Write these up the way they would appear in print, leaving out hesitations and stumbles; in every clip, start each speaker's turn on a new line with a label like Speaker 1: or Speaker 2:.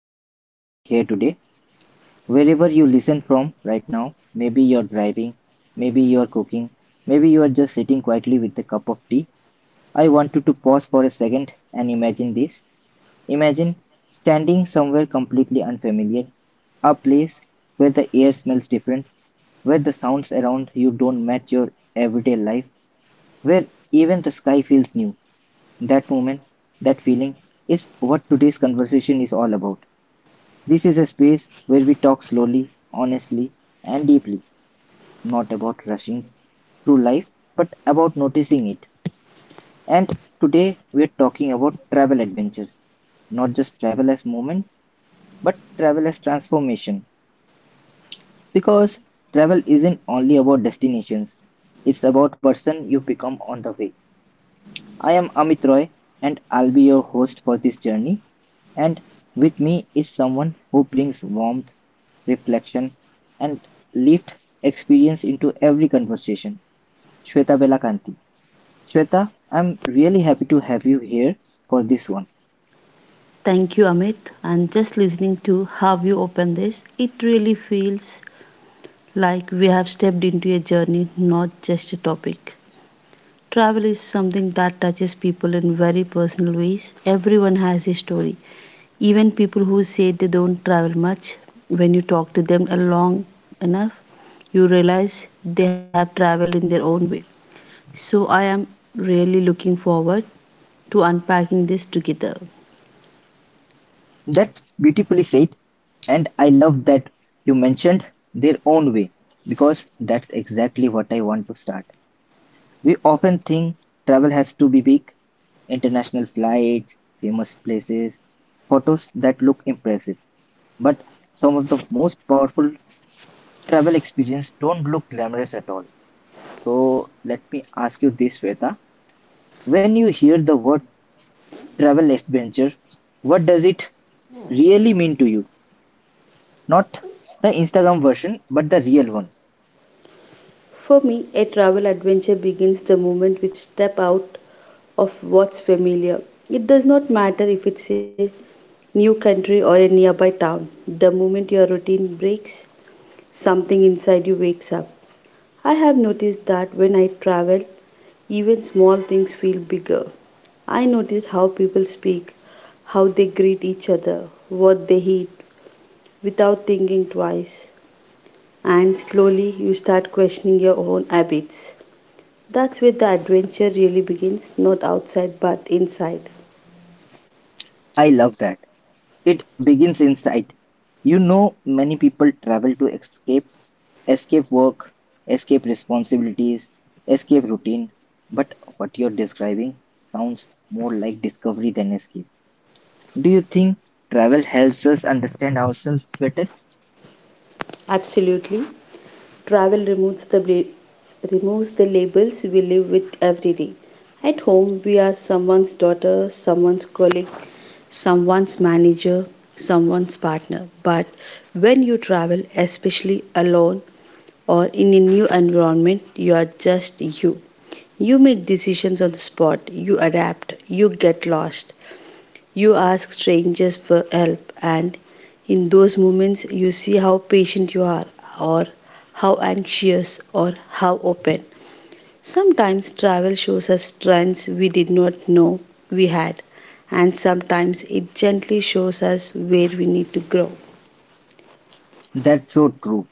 Speaker 1: really glad you're here today. Wherever you listen from right now, maybe you're driving, maybe you're cooking, maybe you're just sitting quietly with a cup of tea. I want you to pause for a second and imagine this. Imagine standing somewhere completely unfamiliar, a place where the air smells different, where the sounds around you don't match your everyday life, where even the sky feels new. That moment, that feeling, is what today's conversation is all about. This is a space where we talk slowly, honestly, and deeply, not about rushing through life, but about noticing it. And today we are talking about travel adventures, not just travel as movement, but travel as transformation. Because travel isn't only about destinations, it's about person you become on the way. I am Amit Roy and I'll be your host for this journey. And with me is someone who brings warmth reflection, and lived experience into every conversation. Shweta Belakanti. Shweta, I'm really happy to have you here for this one.
Speaker 2: Thank you, Amit. And just listening to how you open this, it really feels like we have stepped into a journey, not just a topic. Travel is something that touches people in very personal ways. Everyone has a story. Even people who say they don't travel much, when you talk to them long enough, you realize they have traveled in their own way. So I am really looking forward to unpacking this together.
Speaker 1: That's beautifully said, and I love that you mentioned their own way because that's exactly what I want to start. We often think travel has to be big, international flights, famous places, photos that look impressive. But some of the most powerful travel experiences don't look glamorous at all. So let me ask you this, Sweta. When you hear the word travel adventure, what does it really mean to you? Not the Instagram version, but the real one.
Speaker 2: For me, a travel adventure begins the moment we step out of what's familiar. It does not matter if it's a new country or a nearby town. The moment your routine breaks, something inside you wakes up. I have noticed that when I travel, even small things feel bigger. I notice how people speak, how they greet each other, what they eat, without thinking twice. And slowly you start questioning your own habits. That's where the adventure really begins, not outside but inside.
Speaker 1: I love that. It begins inside. You know, many people travel to escape, escape work, escape responsibilities, escape routine. But what you're describing sounds more like discovery than escape. Do you think travel helps us understand ourselves better?
Speaker 2: Absolutely. Travel removes removes the labels we live with every day. At home, we are someone's daughter, someone's colleague, someone's manager, someone's partner. But when you travel, especially alone or in a new environment, you are just you. You make decisions on the spot, you adapt, you get lost. You ask strangers for help, and in those moments, you see how patient you are, or how anxious, or how open. Sometimes travel shows us strengths we did not know we had, and sometimes it gently shows us where we need to grow.
Speaker 1: That's so true.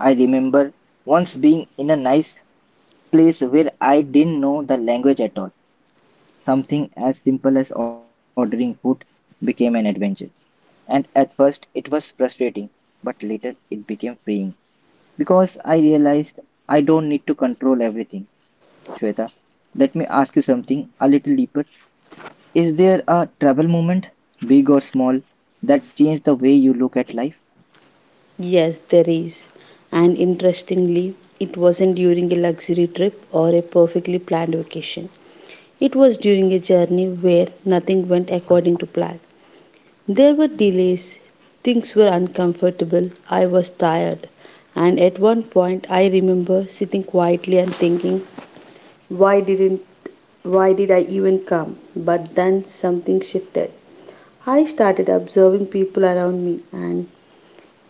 Speaker 1: I remember once being in a nice place where I didn't know the language at all. Something as simple as ordering food became an adventure. And at first it was frustrating, but later it became freeing because I realized I don't need to control everything. Shweta, let me ask you something a little deeper. Is there a travel moment, big or small, that changed the way you look at life?
Speaker 2: Yes, there is. And interestingly, it wasn't during a luxury trip or a perfectly planned vacation. It was during a journey where nothing went according to plan. There were delays, things were uncomfortable, I was tired, and at one point I remember sitting quietly and thinking, why didn't why did I even come? But then something shifted. I started observing people around me and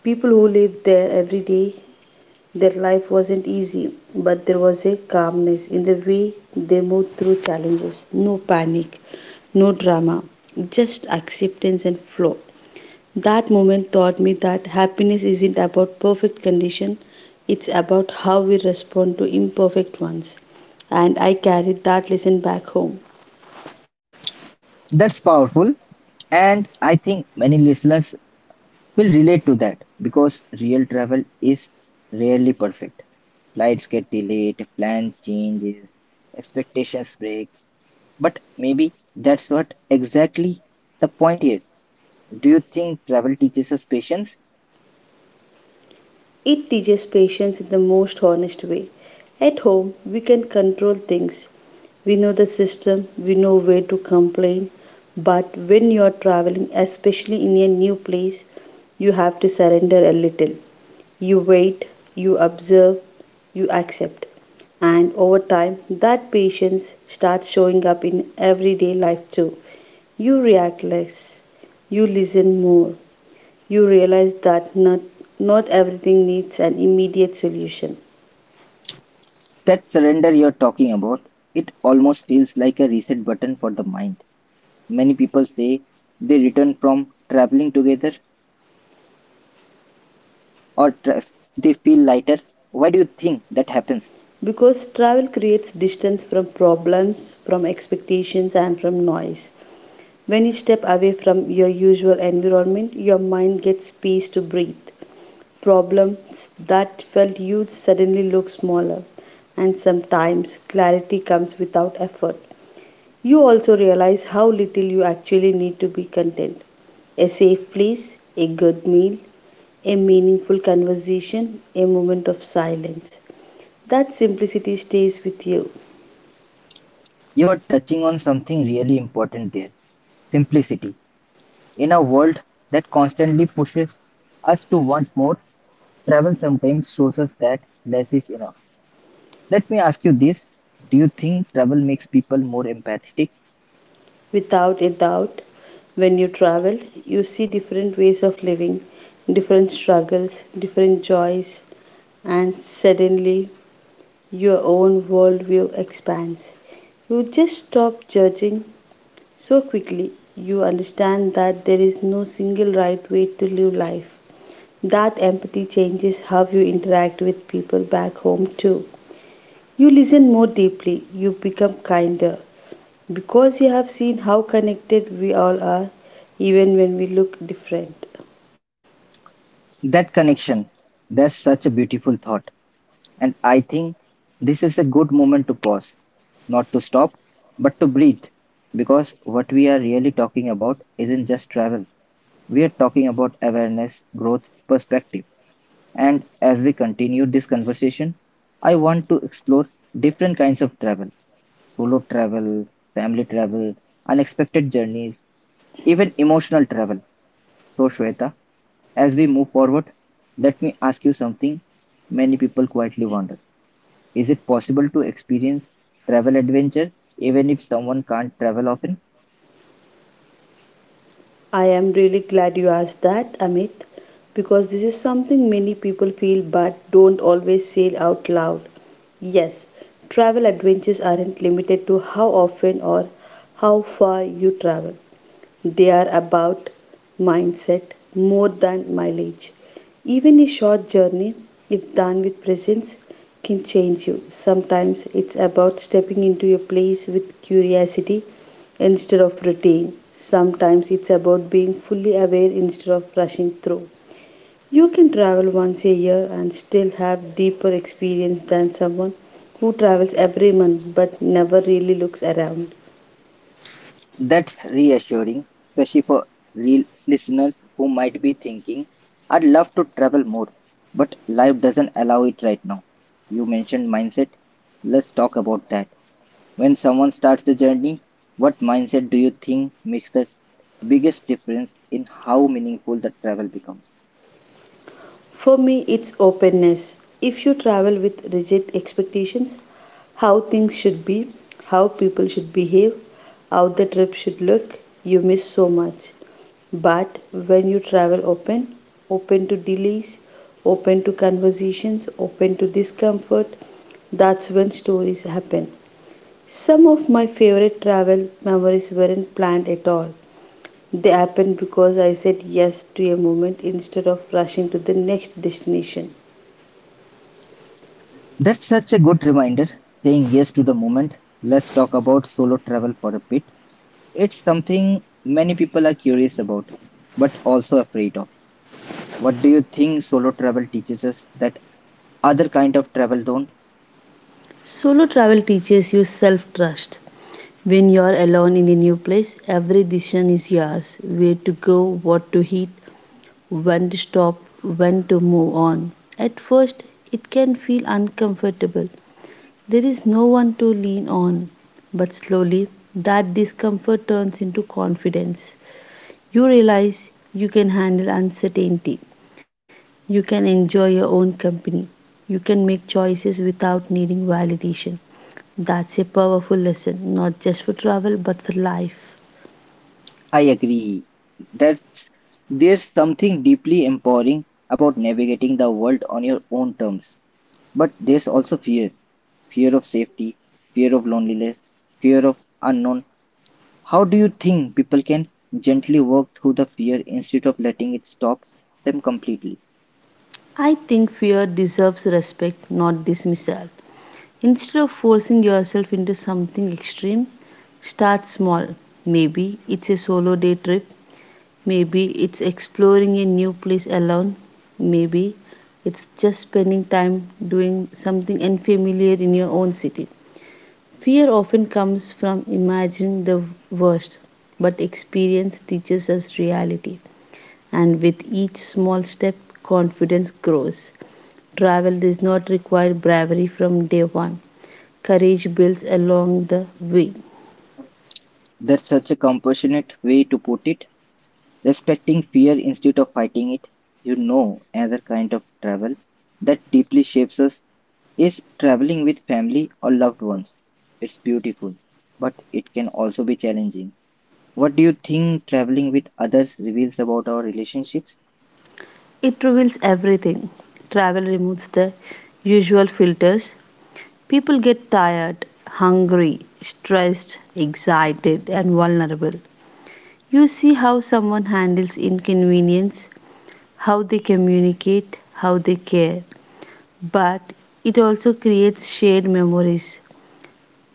Speaker 2: people who lived there every day. Their life wasn't easy, but there was a calmness in the way they moved through challenges. No panic, no drama, just acceptance and flow. That moment taught me that happiness isn't about perfect condition, it's about how we respond to imperfect ones. And I carried that lesson back home.
Speaker 1: That's powerful. And I think many listeners will relate to that because real travel is rarely perfect. Flights get delayed, plan changes, expectations break. But maybe that's not exactly the point here. Do you think travel teaches us patience?
Speaker 2: It teaches patience in the most honest way. At home, we can control things. We know the system, we know where to complain. But when you are traveling, especially in a new place, you have to surrender a little. You wait, you observe, you accept. And over time, that patience starts showing up in everyday life too. You react less, you listen more, you realize that not everything needs an immediate solution.
Speaker 1: That surrender you're talking about, it almost feels like a reset button for the mind. Many people say they return from traveling together or they feel lighter. Why do you think that happens?
Speaker 2: Because travel creates distance from problems, from expectations, and from noise. When you step away from your usual environment, your mind gets space to breathe. Problems that felt huge suddenly look smaller, and sometimes clarity comes without effort. You also realize how little you actually need to be content. A safe place, a good meal, a meaningful conversation, a moment of silence. That simplicity stays with you.
Speaker 1: You're touching on something really important there. Simplicity. In a world that constantly pushes us to want more, travel sometimes shows us that less is enough. Let me ask you this. Do you think travel makes people more empathetic?
Speaker 2: Without a doubt, when you travel, you see different ways of living, different struggles, different joys, and suddenly your own worldview expands. You just stop judging so quickly. You understand that there is no single right way to live life. That empathy changes how you interact with people back home, too. You listen more deeply. You become kinder. Because you have seen how connected we all are, even when we look different.
Speaker 1: That connection, that's such a beautiful thought. And I think this is a good moment to pause, not to stop, but to breathe. Because what we are really talking about isn't just travel, we are talking about awareness, growth, perspective. And as we continue this conversation, I want to explore different kinds of travel, solo travel, family travel, unexpected journeys, even emotional travel. So, Shweta, as we move forward, let me ask you something many people quietly wonder. Is it possible to experience travel adventure even if someone can't travel often?
Speaker 2: I am really glad you asked that, Amit, because this is something many people feel but don't always say out loud. Yes, travel adventures aren't limited to how often or how far you travel. They are about mindset more than mileage. Even a short journey, if done with presence, can change you. Sometimes it's about stepping into a place with curiosity instead of routine. Sometimes it's about being fully aware instead of rushing through. You can travel once a year and still have deeper experience than someone who travels every month but never really looks around.
Speaker 1: That's reassuring, especially for real listeners who might be thinking, I'd love to travel more, but life doesn't allow it right now. You mentioned mindset. Let's talk about that. When someone starts the journey, what mindset do you think makes the biggest difference in how meaningful the travel becomes?
Speaker 2: For me, it's openness. If you travel with rigid expectations, how things should be, how people should behave, how the trip should look, you miss so much. But when you travel open, open to delays, open to conversations, open to discomfort, that's when stories happen. Some of my favorite travel memories weren't planned at all. They happened because I said yes to a moment instead of rushing to the next destination.
Speaker 1: That's such a good reminder, saying yes to the moment. Let's talk about solo travel for a bit. It's something many people are curious about, but also afraid of. What do you think solo travel teaches us that other kind of travel don't?
Speaker 2: Solo travel teaches you self trust. When you are alone in a new place, every decision is yours: where to go, what to eat, when to stop, when to move on. At first, it can feel uncomfortable. There is no one to lean on. But slowly, that discomfort turns into confidence. You realize you can handle uncertainty. You can enjoy your own company. You can make choices without needing validation. That's a powerful lesson, not just for travel but for life.
Speaker 1: I agree. That's There's something deeply empowering about navigating the world on your own terms. But there's also fear. Fear of safety, fear of loneliness, fear of unknown. How do you think people can gently work through the fear instead of letting it stop them completely?
Speaker 2: I think fear deserves respect, not dismissal. Instead of forcing yourself into something extreme, start small. Maybe it's a solo day trip, maybe it's exploring a new place alone, maybe it's just spending time doing something unfamiliar in your own city. Fear often comes from imagining the worst, but experience teaches us reality. And with each small step, confidence grows. Travel does not require bravery from day one, courage builds along the way.
Speaker 1: That's such a compassionate way to put it. Respecting fear instead of fighting it, you know, another kind of travel that deeply shapes us is traveling with family or loved ones. It's beautiful, but it can also be challenging. What do you think traveling with others reveals about our relationships?
Speaker 2: It reveals everything. Travel removes the usual filters. People get tired, hungry, stressed, excited, and vulnerable. You see how someone handles inconvenience, how they communicate, how they care. But it also creates shared memories,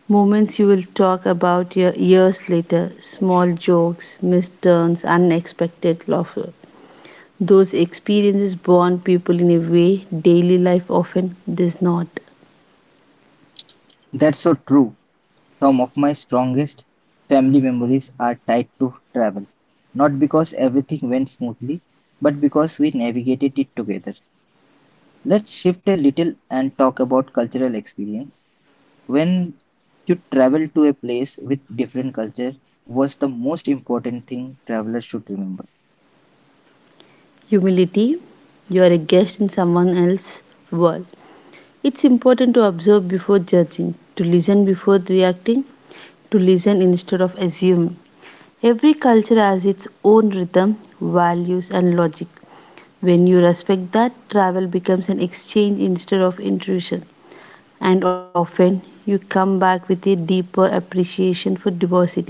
Speaker 2: moments you will talk about years later, small jokes, missed turns, unexpected laughter. Those experiences bond people in a way daily life often does not.
Speaker 1: That's so true. Some of my strongest family memories are tied to travel. Not because everything went smoothly, but because we navigated it together. Let's shift a little and talk about cultural experience. When you travel to a place with different culture, was the most important thing travelers should remember?
Speaker 2: Humility, you are a guest in someone else's world. It's important to observe before judging, to listen before reacting, to listen instead of assuming. Every culture has its own rhythm, values, and logic. When you respect that, travel becomes an exchange instead of intrusion. And often, you come back with a deeper appreciation for diversity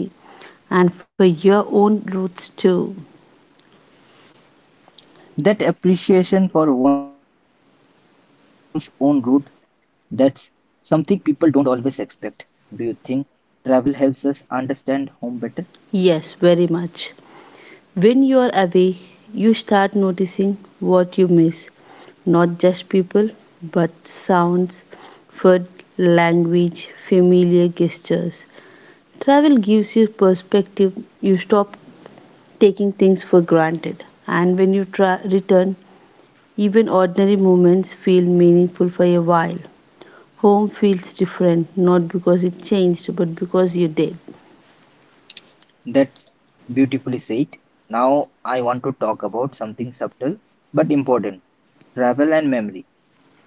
Speaker 2: and for your own roots too.
Speaker 1: That appreciation for one's own root, that's something people don't always expect. Do you think travel helps us understand home better?
Speaker 2: Yes, very much. When you are away, you start noticing what you miss, not just people, but sounds, food, language, familiar gestures. Travel gives you perspective. You stop taking things for granted. And when you return, even ordinary moments feel meaningful for a while. Home feels different, not because it changed, but because you did.
Speaker 1: That's beautifully said. Now I want to talk about something subtle but important, travel and memory.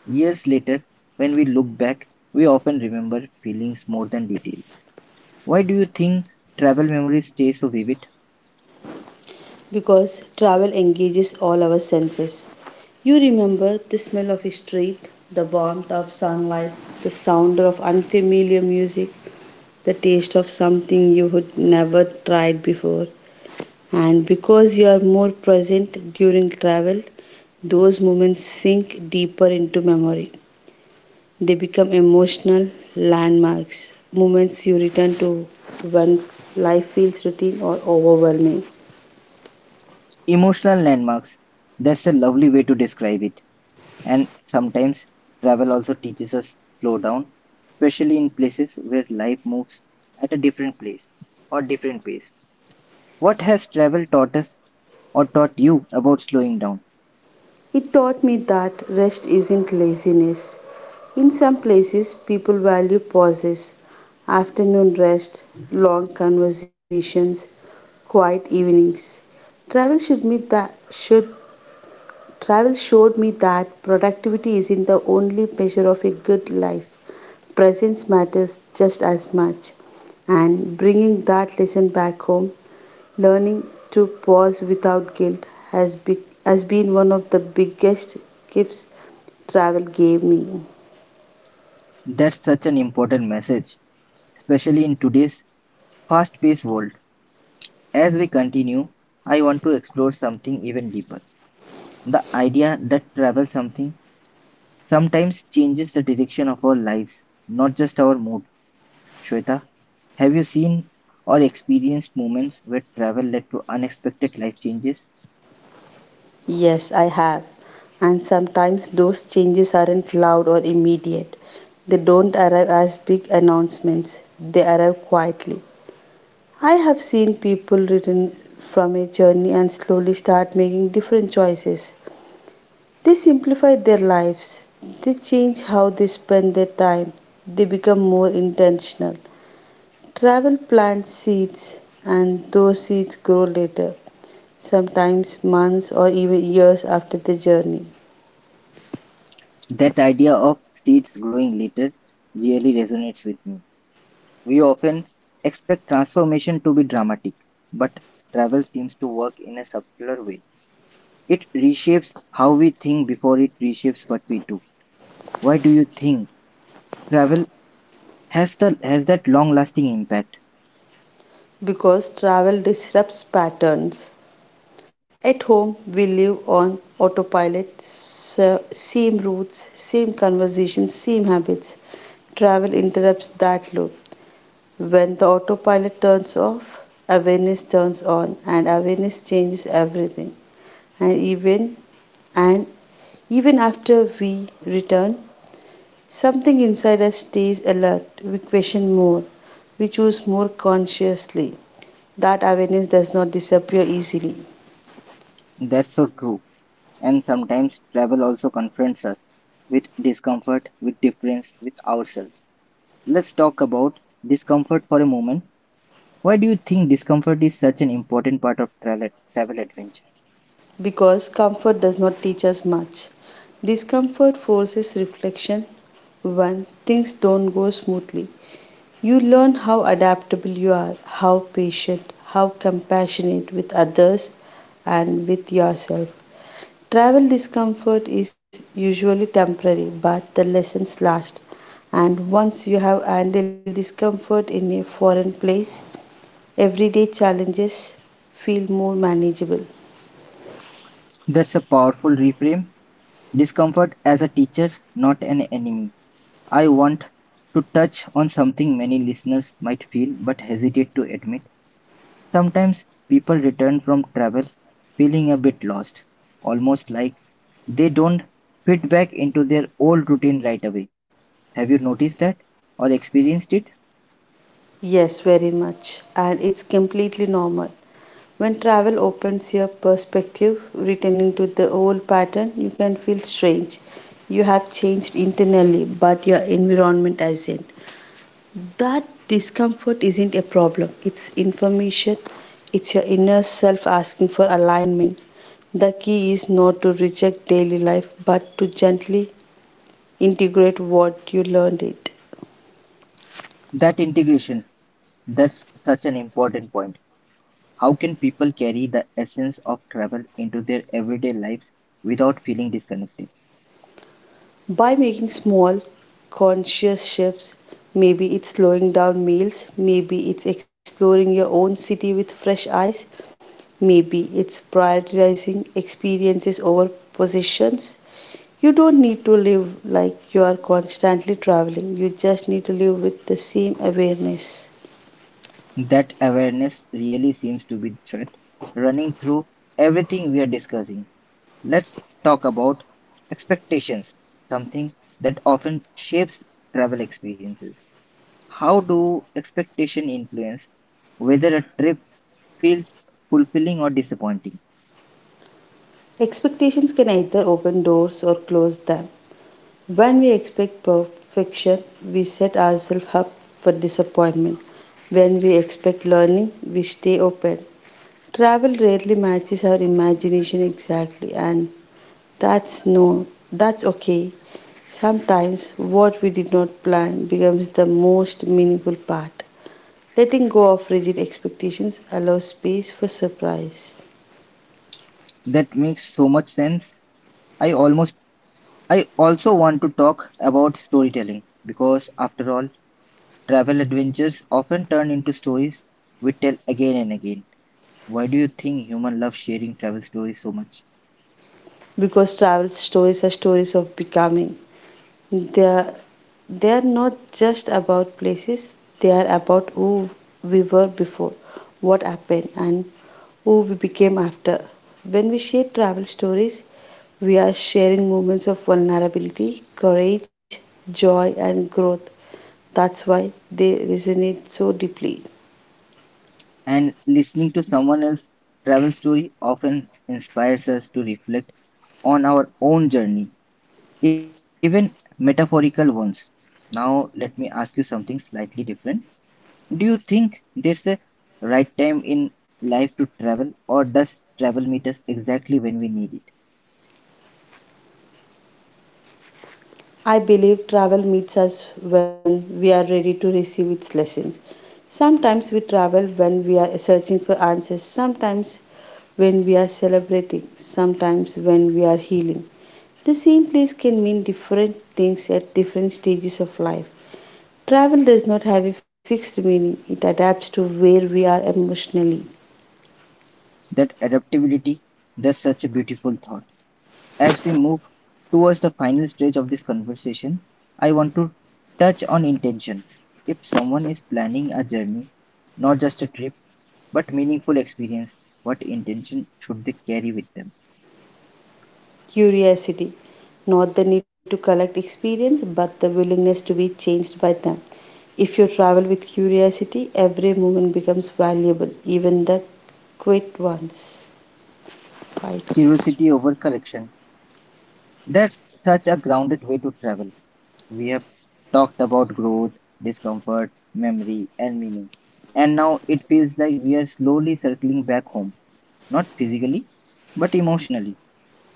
Speaker 1: Years later, when we look back, we often remember feelings more than details. Why do you think travel memories stay so vivid?
Speaker 2: Because travel engages all our senses. You remember the smell of a street, the warmth of sunlight, the sound of unfamiliar music, the taste of something you had never tried before. And because you are more present during travel, those moments sink deeper into memory. They become emotional landmarks, moments you return to when life feels routine or overwhelming.
Speaker 1: Emotional landmarks. That's a lovely way to describe it. And sometimes travel also teaches us slow down, especially in places where life moves at a different place or different pace. What has travel taught us or taught you about slowing down?
Speaker 2: It taught me that rest isn't laziness. In some places, people value pauses, afternoon rest, long conversations, quiet evenings. Travel should, meet that, should Travel showed me that productivity isn't the only measure of a good life. Presence matters just as much. And bringing that lesson back home, learning to pause without guilt has been one of the biggest gifts travel gave me.
Speaker 1: That's such an important message, especially in today's fast paced world. As we continue, I want to explore something even deeper, the idea that travel something sometimes changes the direction of our lives, not just our mood. Shweta, have you seen or experienced moments where travel led to unexpected life changes?
Speaker 2: Yes, I have. And sometimes those changes aren't loud or immediate. They don't arrive as big announcements, they arrive quietly. I have seen people return from a journey and slowly start making different choices. They simplify their lives, they change how they spend their time, they become more intentional. Travel plants seeds, and those seeds grow later, sometimes months or even years after the journey,
Speaker 1: That idea of seeds growing later really resonates with me. We often expect transformation to be dramatic, but travel seems to work in a subtler way. It reshapes how we think before it reshapes what we do. Why do you think travel has that long lasting impact?
Speaker 2: because travel disrupts patterns. At home, we live on autopilot, same routes, same conversations, same habits. Travel interrupts that loop. When the autopilot turns off, awareness turns on, and awareness changes everything. And even and even after we return, something inside us stays alert. We question more. We choose more consciously. That awareness does not disappear easily.
Speaker 1: That's so true. And sometimes travel also confronts us with discomfort, with difference, with ourselves. Let's talk about discomfort for a moment. Why do you think discomfort is such an important part of travel, travel adventure?
Speaker 2: Because comfort does not teach us much. Discomfort forces reflection when things don't go smoothly. You learn how adaptable you are, how patient, how compassionate with others and with yourself. Travel discomfort is usually temporary, but the lessons last. And once you have handled discomfort in a foreign place, everyday challenges feel more manageable.
Speaker 1: That's a powerful reframe. Discomfort as a teacher, not an enemy. I want to touch on something many listeners might feel but hesitate to admit. Sometimes people return from travel feeling a bit lost, almost like they don't fit back into their old routine right away. Have you noticed that or experienced it?
Speaker 2: Yes, very much. And it's completely normal. When travel opens your perspective, returning to the old pattern, you can feel strange. You have changed internally, but your environment hasn't. That discomfort isn't a problem, it's information, it's your inner self asking for alignment. The key is not to reject daily life, but to gently integrate what you learned it.
Speaker 1: That integration, that's such an important point. How can people carry the essence of travel into their everyday lives without feeling disconnected?
Speaker 2: By making small conscious shifts, maybe it's slowing down meals, maybe it's exploring your own city with fresh eyes, maybe it's prioritizing experiences over possessions. You don't need to live like you are constantly traveling, you just need to live with the same awareness.
Speaker 1: That awareness really seems to be the thread running through everything we are discussing. Let's talk about expectations, something that often shapes travel experiences. How do expectation influence whether a trip feels fulfilling or disappointing?
Speaker 2: Expectations can either open doors or close them. When we expect perfection, we set ourselves up for disappointment. When we expect learning, we stay open. Travel rarely matches our imagination exactly, and that's no, that's okay. Sometimes what we did not plan becomes the most meaningful part. Letting go of rigid expectations allows space for surprise,
Speaker 1: That makes so much sense. I almost I also want to talk about storytelling because after all, travel adventures often turn into stories we tell again and again. Why do you think humans love sharing travel stories so much?
Speaker 2: because travel stories are stories of becoming. They're they're not just about places, they are about who we were before, what happened, and who we became after. When we share travel stories, we are sharing moments of vulnerability, courage, joy, and growth. That's why they resonate so deeply.
Speaker 1: And listening to someone else's travel story often inspires us to reflect on our own journey, even metaphorical ones. Now, let me ask you something slightly different. Do you think there's a right time in life to travel, or does travel meet us exactly when we need it?
Speaker 2: I believe travel meets us when we are ready to receive its lessons. Sometimes we travel when we are searching for answers, sometimes when we are celebrating, sometimes when we are healing. The same place can mean different things at different stages of life. Travel does not have a fixed meaning, it adapts to where we are emotionally.
Speaker 1: That adaptability, that's such a beautiful thought. As we move towards the final stage of this conversation, I want to touch on intention. If someone is planning a journey, not just a trip, but meaningful experience, what intention should they carry with them?
Speaker 2: Curiosity, not the need to collect experience, but the willingness to be changed by them. If you travel with curiosity, every moment becomes valuable, even the quiet ones. Right.
Speaker 1: Curiosity over correction. That's such a grounded way to travel. We have talked about growth, discomfort, memory, and meaning. And now it feels like we are slowly circling back home, not physically, but emotionally.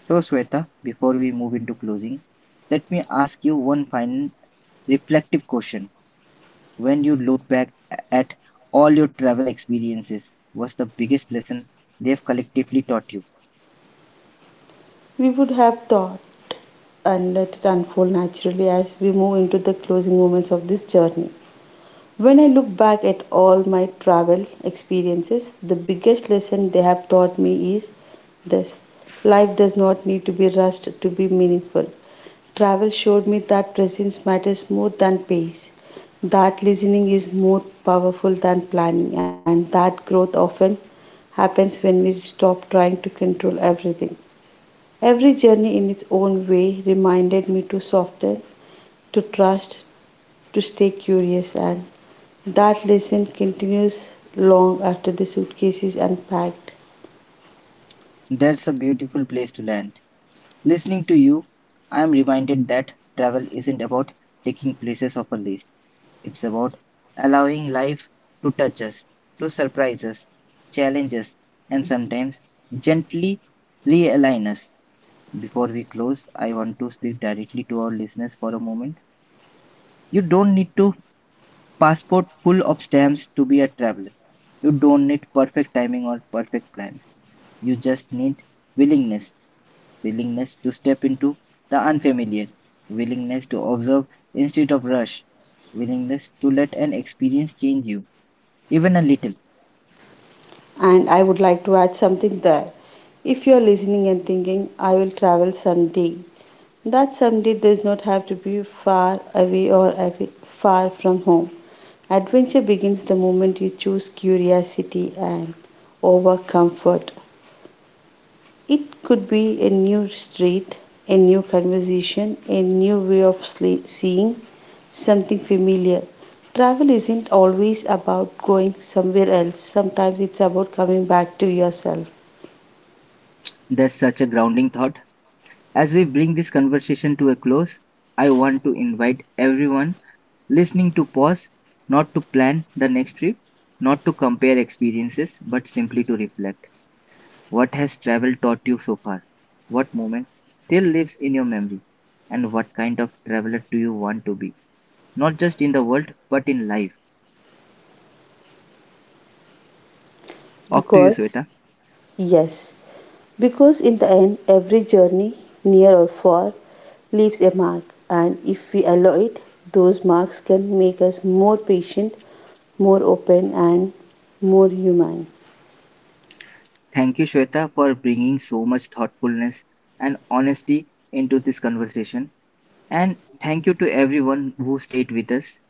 Speaker 1: So, Shweta, before we move into closing, let me ask you one final reflective question. When you look back at all your travel experiences, what's the biggest lesson they've collectively taught you?
Speaker 2: We would have thought and let it unfold naturally as we move into the closing moments of this journey. When I look back at all my travel experiences, the biggest lesson they have taught me is this: life does not need to be rushed to be meaningful. Travel showed me that presence matters more than pace, that listening is more powerful than planning, and that growth often happens when we stop trying to control everything. Every journey in its own way reminded me to soften, to trust, to stay curious, and that lesson continues long after the suitcase is unpacked.
Speaker 1: That's a beautiful place to land. Listening to you, I am reminded that travel isn't about taking places off a list. It's about allowing life to touch us, to surprise us, challenge us, and sometimes gently realign us. Before we close, I want to speak directly to our listeners for a moment. You don't need to passport full of stamps to be a traveler. You don't need perfect timing or perfect plans. You just need willingness, willingness to step into the unfamiliar, willingness to observe instead of rush, willingness to let an experience change you, even a little.
Speaker 2: And I would like to add something there. If you are listening and thinking, I will travel someday, that someday does not have to be far away far from home. Adventure begins the moment you choose curiosity and over comfort. It could be a new street, a new conversation, a new way of seeing something familiar. Travel isn't always about going somewhere else, sometimes it's about coming back to yourself.
Speaker 1: That's such a grounding thought. As we bring this conversation to a close, I want to invite everyone listening to pause, not to plan the next trip, not to compare experiences, but simply to reflect. What has travel taught you so far? What moment still lives in your memory? And what kind of traveler do you want to be? Not just in the world, but in life. Off to you,
Speaker 2: Because,
Speaker 1: Shweta.
Speaker 2: yes, Because in the end, every journey, near or far, leaves a mark, and if we allow it, those marks can make us more patient, more open, and more human.
Speaker 1: Thank you, Shweta, for bringing so much thoughtfulness and honesty into this conversation. And thank you to everyone who stayed with us.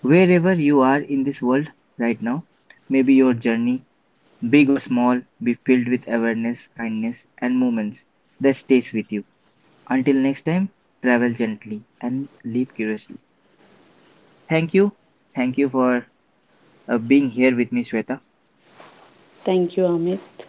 Speaker 1: Wherever you are in this world right now, maybe your journey, big or small, be filled with awareness, kindness, and moments that stays with you. Until next time, travel gently and live curiously. Thank you. Thank you for being here with me, Shweta.
Speaker 2: Thank you, Amit.